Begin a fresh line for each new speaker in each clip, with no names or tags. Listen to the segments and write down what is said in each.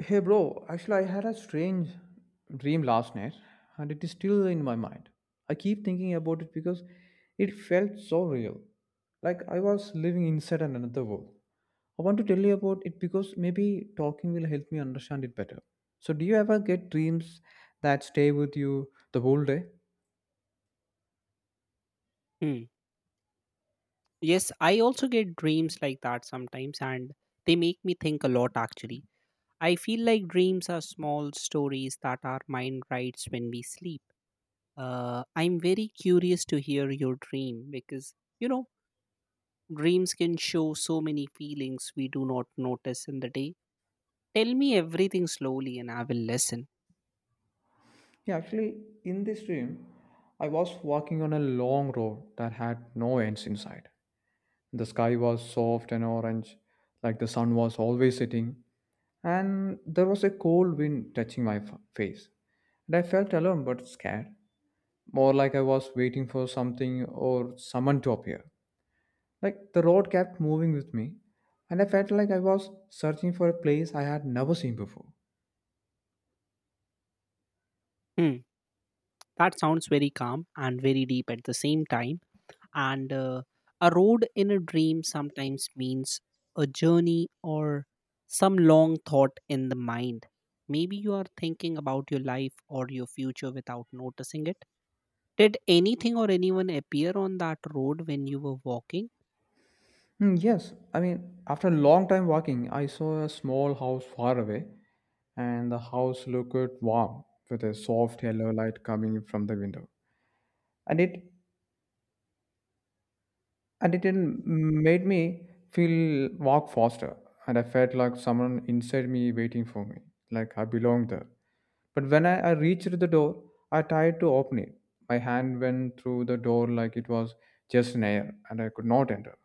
Hey bro, actually, I had a strange dream last night and it is still in my mind. I keep thinking about it because it felt so real. Like I was living inside another world. I want to tell you about it because maybe talking will help me understand it better. So, do you ever get dreams that stay with you the whole day?
Hmm. Yes, I also get dreams like that sometimes, and they make me think a lot actually. I feel like dreams are small stories that our mind writes when we sleep. I'm very curious to hear your dream because, you know, dreams can show so many feelings we do not notice in the day. Tell me everything slowly and I will listen.
Yeah, actually, in this dream, I was walking on a long road that had no ends inside. The sky was soft and orange, like the sun was always setting, and there was a cold wind touching my face. And I felt alone but scared, more like I was waiting for something or someone to appear. Like the road kept moving with me, and I felt like I was searching for a place I had never seen before.
Hmm. That sounds very calm and very deep at the same time. And A road in a dream sometimes means a journey or some long thought in the mind. Maybe you are thinking about your life or your future without noticing it. Did anything or anyone appear on that road when you were walking?
Hmm, yes, I mean, after a long time walking, I saw a small house far away, and the house looked warm with a soft yellow light coming from the window. and it and it didn't made me feel walk faster, and I felt like someone inside me waiting for me, like I belonged there. But when I reached the door, I tried to open it. My hand went through the door like it was just an air, and I could not enter.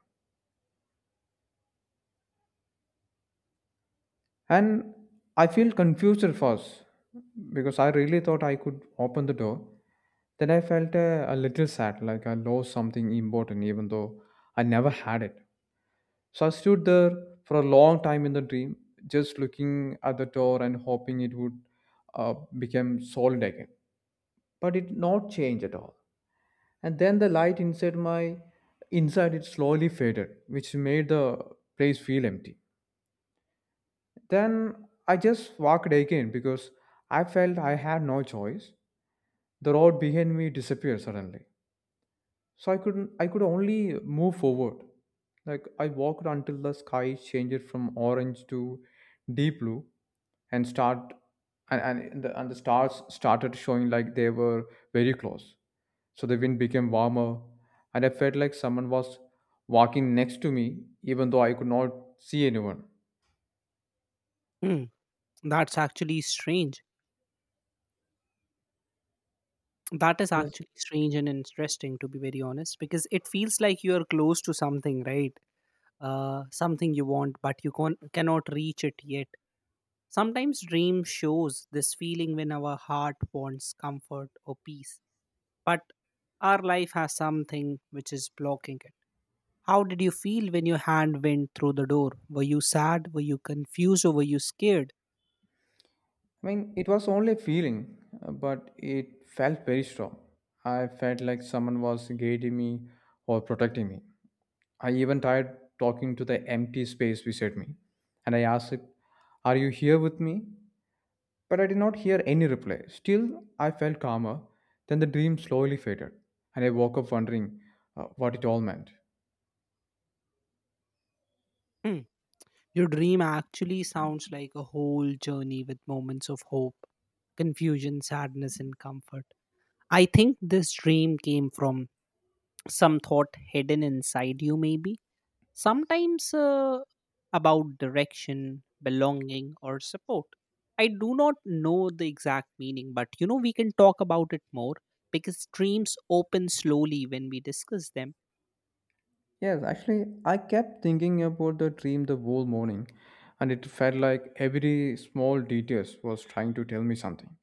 And I feel confused at first because I really thought I could open the door. Then I felt a little sad, like I lost something important, even though I never had it. So I stood there for a long time in the dream, just looking at the door and hoping it would uh, become solid again. But it did not change at all. And then the light inside it slowly faded, which made the place feel empty. Then I just walked again because I felt I had no choice. The road behind me disappeared suddenly. So I couldn't I could only move forward. Like I walked until the sky changed from orange to deep blue, and start and the stars started showing like they were very close. So the wind became warmer and I felt like someone was walking next to me even though I could not see anyone.
Hmm, that's actually strange that is
Yes.
actually strange and interesting to be very honest, because it feels like you are close to something, right? Something you want but you cannot reach it yet. Sometimes dream shows this feeling when our heart wants comfort or peace, but our life has something which is blocking it. How did you feel when your hand went through the door? Were you sad? Were you confused or were you scared?
I mean, it was only a feeling, but it felt very strong. I felt like someone was guiding me or protecting me. I even tried talking to the empty space beside me, and I asked, "Are you here with me?" But I did not hear any reply. Still, I felt calmer. Then the dream slowly faded, and I woke up wondering what it all meant.
Hmm. Your dream actually sounds like a whole journey with moments of hope, confusion, sadness, and comfort. I think this dream came from some thought hidden inside you, maybe. Sometimes about direction, belonging, or support. I do not know the exact meaning, but you know, we can talk about it more because dreams open slowly when we discuss them.
Yes, actually, I kept thinking about the dream the whole morning, and it felt like every small detail was trying to tell me something.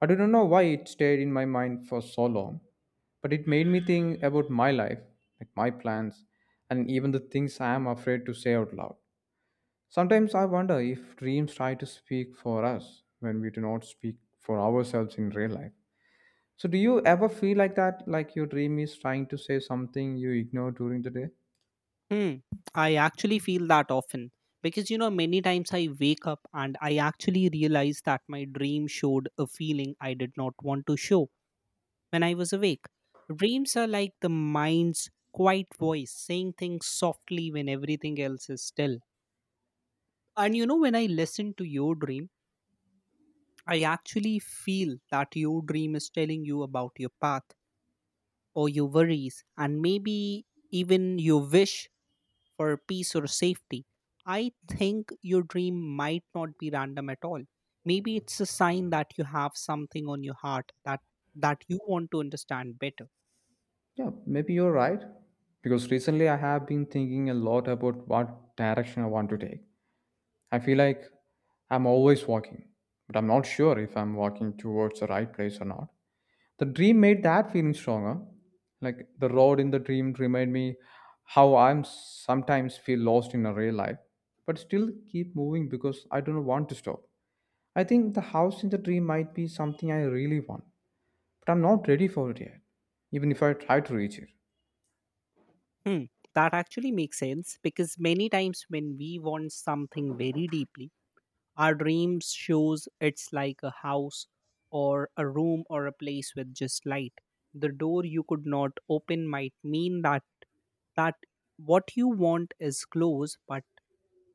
I don't know why it stayed in my mind for so long, but it made me think about my life, like my plans, and even the things I am afraid to say out loud. Sometimes I wonder if dreams try to speak for us when we do not speak for ourselves in real life. So, do you ever feel like that, like your dream is trying to say something you ignore during the day?
Hmm. I actually feel that often because you know, many times I wake up and I actually realize that my dream showed a feeling I did not want to show when I was awake. Dreams are like the mind's quiet voice saying things softly when everything else is still. And you know, when I listen to your dream, I actually feel that your dream is telling you about your path or your worries and maybe even your wish for peace or safety. I think your dream might not be random at all. Maybe it's a sign that you have something on your heart that you want to understand better.
Yeah, maybe you're right. Because recently I have been thinking a lot about what direction I want to take. I feel like I'm always walking, but I'm not sure if I'm walking towards the right place or not. The dream made that feeling stronger. Like the road in the dream reminded me how I'm sometimes feel lost in a real life, but still keep moving because I don't want to stop. I think the house in the dream might be something I really want, but I'm not ready for it yet, even if I try to reach it.
Hmm, that actually makes sense because many times when we want something very deeply, our dreams shows it's like a house or a room or a place with just light. The door you could not open might mean that what you want is close, but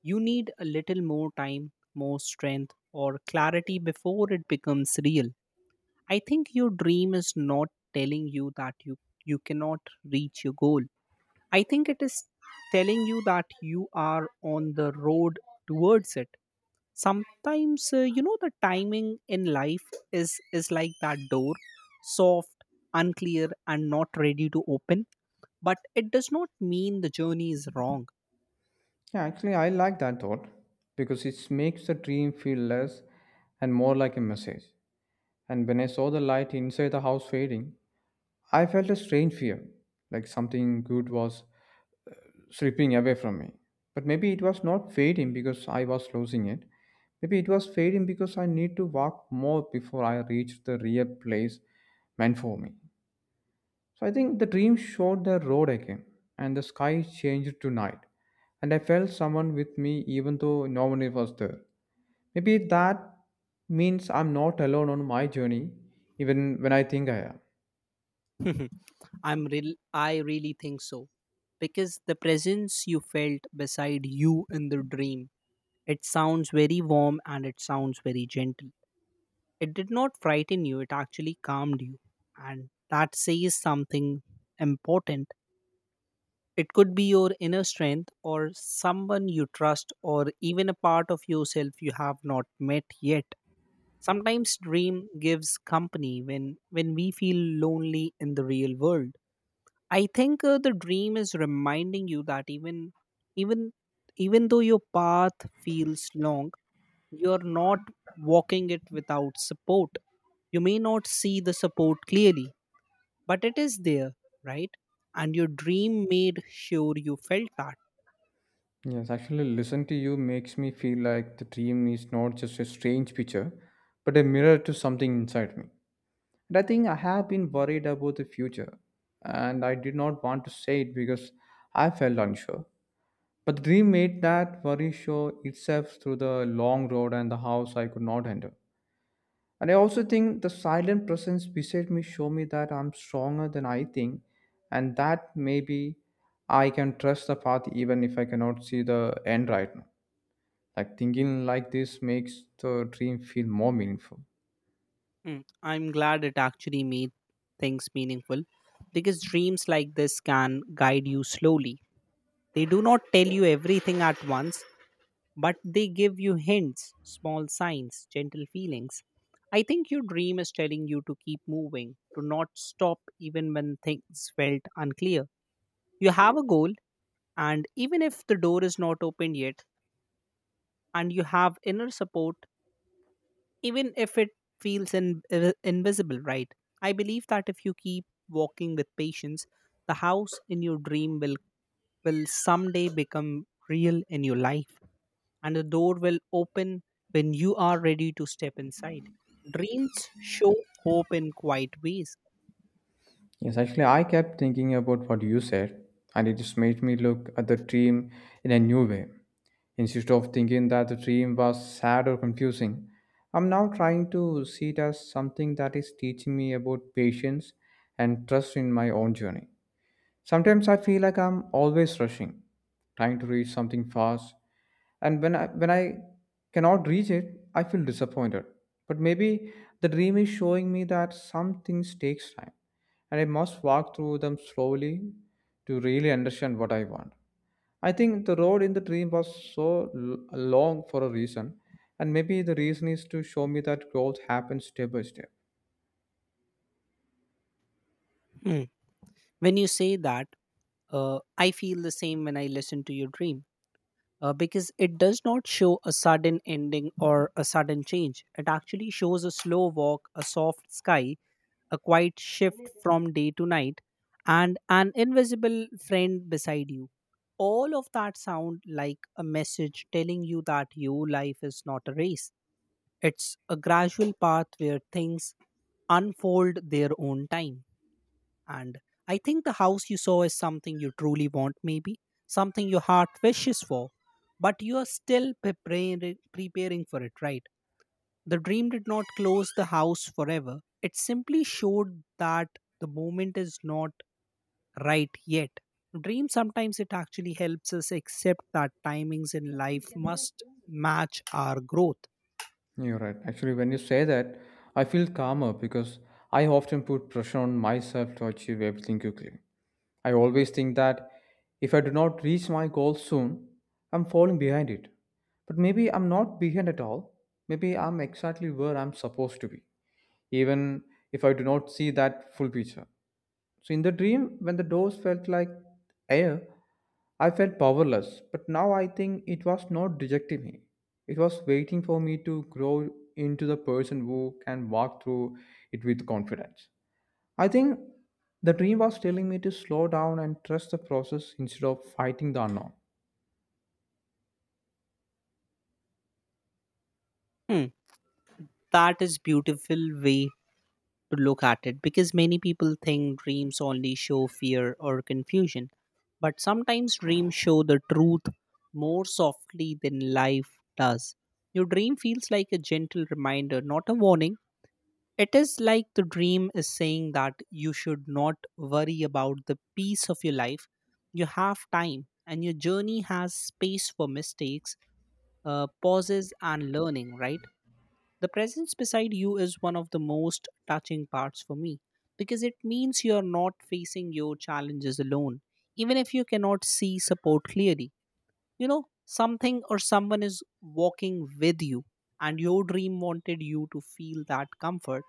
you need a little more time, more strength, or clarity before it becomes real. I think your dream is not telling you that you cannot reach your goal. I think it is telling you that you are on the road towards it. Sometimes, you know, the timing in life is like that door, soft, unclear, and not ready to open. But it does not mean the journey is wrong.
Yeah, actually, I like that thought because it makes the dream feel less and more like a message. And when I saw the light inside the house fading, I felt a strange fear, like something good was slipping away from me. But maybe it was not fading because I was losing it. Maybe it was fading because I need to walk more before I reach the real place meant for me. So I think the dream showed the road again, and the sky changed to night. And I felt someone with me, even though no one was there. Maybe that means I'm not alone on my journey, even when I think I am.
I really think so, because the presence you felt beside you in the dream. It sounds very warm and it sounds very gentle. It did not frighten you, it actually calmed you. And that says something important. It could be your inner strength or someone you trust or even a part of yourself you have not met yet. Sometimes dream gives company when we feel lonely in the real world. I think the dream is reminding you that even even though your path feels long, you're not walking it without support. You may not see the support clearly, but it is there, right? And your dream made sure you felt that.
Yes, actually, listen to you makes me feel like the dream is not just a strange picture, but a mirror to something inside me. And I think I have been worried about the future, and I did not want to say it because I felt unsure. But the dream made that worry show itself through the long road and the house I could not enter. And I also think the silent presence beside me show me that I'm stronger than I think, and that maybe I can trust the path even if I cannot see the end right now. Like thinking like this makes the dream feel more meaningful.
Hmm, I'm glad it actually made things meaningful because dreams like this can guide you slowly. They do not tell you everything at once, but they give you hints, small signs, gentle feelings. I think your dream is telling you to keep moving, to not stop even when things felt unclear. You have a goal, and even if the door is not opened yet, and you have inner support, even if it feels invisible, right? I believe that if you keep walking with patience, the house in your dream will someday become real in your life, and the door will open when you are ready to step inside. Dreams show hope in quiet ways.
Yes, actually, I kept thinking about what you said, and it just made me look at the dream in a new way, instead of thinking that the dream was sad or confusing. I'm now trying to see it as something that is teaching me about patience and trust in my own journey. Sometimes I feel like I'm always rushing, trying to reach something fast, and when I cannot reach it, I feel disappointed. But maybe the dream is showing me that some things takes time, and I must walk through them slowly to really understand what I want. I think the road in the dream was so long for a reason, and maybe the reason is to show me that growth happens step by step.
Hmm. When you say that, I feel the same when I listen to your dream, because it does not show a sudden ending or a sudden change. It actually shows a slow walk, a soft sky, a quiet shift from day to night, and an invisible friend beside you. All of that sound like a message telling you that your life is not a race. It's a gradual path where things unfold their own time. And I think the house you saw is something you truly want, maybe something your heart wishes for, but you are still preparing for it, right? The dream did not close the house forever. It simply showed that the moment is not right yet. Dream sometimes it actually helps us accept that timings in life must match our growth.
You're right. Actually, when you say that, I feel calmer because I often put pressure on myself to achieve everything quickly. I always think that if I do not reach my goal soon, I'm falling behind it. But maybe I'm not behind at all. Maybe I'm exactly where I'm supposed to be, even if I do not see that full picture. So, in the dream, when the doors felt like air, I felt powerless. But now I think it was not rejecting me, it was waiting for me to grow into the person who can walk through it with confidence. I think the dream was telling me to slow down and trust the process instead of fighting the unknown.
Hmm, that is beautiful way to look at it because many people think dreams only show fear or confusion. But sometimes dreams show the truth more softly than life does. Your dream feels like a gentle reminder, not a warning. It is like the dream is saying that you should not worry about the peace of your life. You have time, and your journey has space for mistakes, pauses and learning, right? The presence beside you is one of the most touching parts for me because it means you're not facing your challenges alone, even if you cannot see support clearly. You know, something or someone is walking with you, and your dream wanted you to feel that comfort.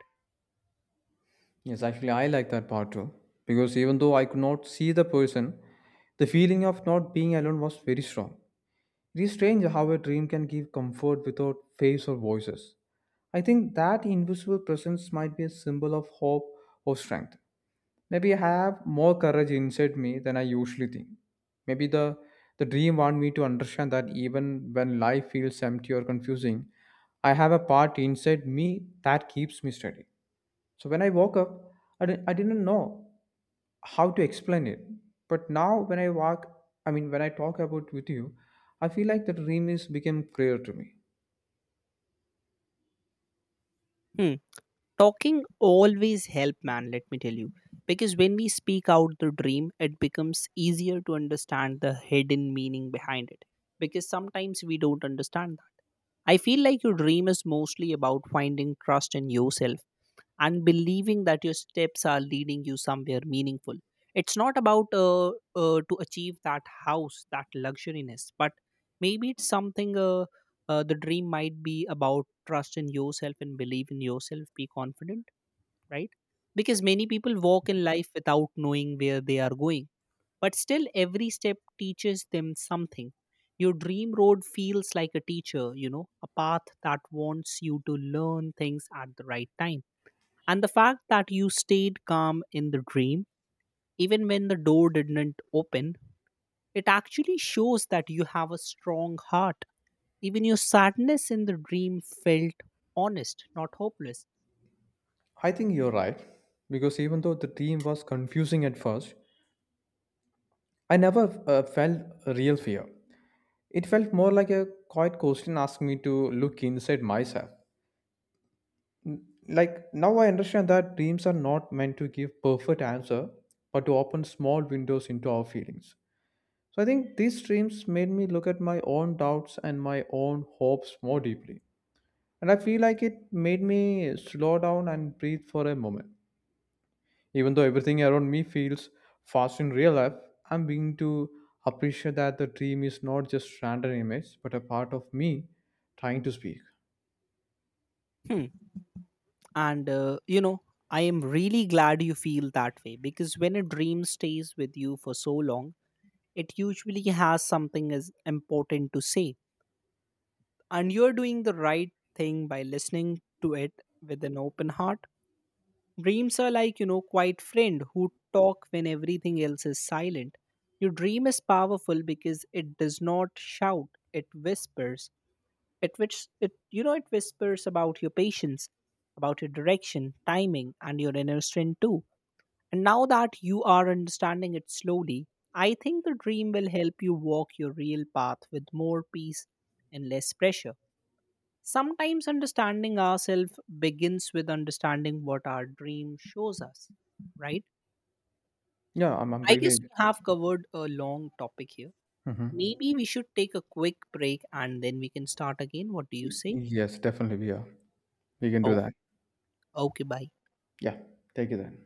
Yes, actually, I like that part too. Because even though I could not see the person, the feeling of not being alone was very strong. It is strange how a dream can give comfort without face or voices. I think that invisible presence might be a symbol of hope or strength. Maybe I have more courage inside me than I usually think. Maybe the dream want me to understand that even when life feels empty or confusing, I have a part inside me that keeps me steady. So when I woke up, I didn't know how to explain it. But now when I walk, I mean, when I talk about with you, I feel like the dream is became clear to me.
Hmm. Talking always help man, let me tell you, because when we speak out the dream it becomes easier to understand the hidden meaning behind it, because sometimes we don't understand that. I feel like your dream is mostly about finding trust in yourself and believing that your steps are leading you somewhere meaningful. It's not about to achieve that house that luxuriness, but maybe it's something the dream might be about trust in yourself and believe in yourself, be confident, right? Because many people walk in life without knowing where they are going, but still every step teaches them something. Your dream road feels like a teacher, you know, a path that wants you to learn things at the right time. And the fact that you stayed calm in the dream, even when the door didn't open, it actually shows that you have a strong heart. Even your sadness in the dream felt honest, not hopeless.
I think you're right because even though the dream was confusing at first, I never felt a real fear. It felt more like a quiet question asking me to look inside myself. Like now I understand that dreams are not meant to give perfect answer, but to open small windows into our feelings. So I think these streams made me look at my own doubts and my own hopes more deeply. And I feel like it made me slow down and breathe for a moment. Even though everything around me feels fast in real life, I'm beginning to appreciate that the dream is not just random image, but a part of me trying to speak.
Hmm. and You know, I am really glad you feel that way, because when a dream stays with you for so long it usually has something as important to say, and you're doing the right thing by listening to it with an open heart. Dreams are like, you know, quiet friend who talk when everything else is silent. Your dream is powerful because it does not shout, it whispers. It which it You know, it whispers about your patience, about your direction, timing, and your inner strength too. And now that you are understanding it slowly, I think the dream will help you walk your real path with more peace and less pressure. Sometimes understanding ourselves begins with understanding what our dream shows us, right?
Yeah, I'm
I
really.
guess we have covered a long topic here.
Mhm.
Maybe we should take a quick break and then we can start again. What do you
Y-
say?
Yes, definitely. Yeah, we can do
Oh,
that.
okay, bye.
Yeah, take it then.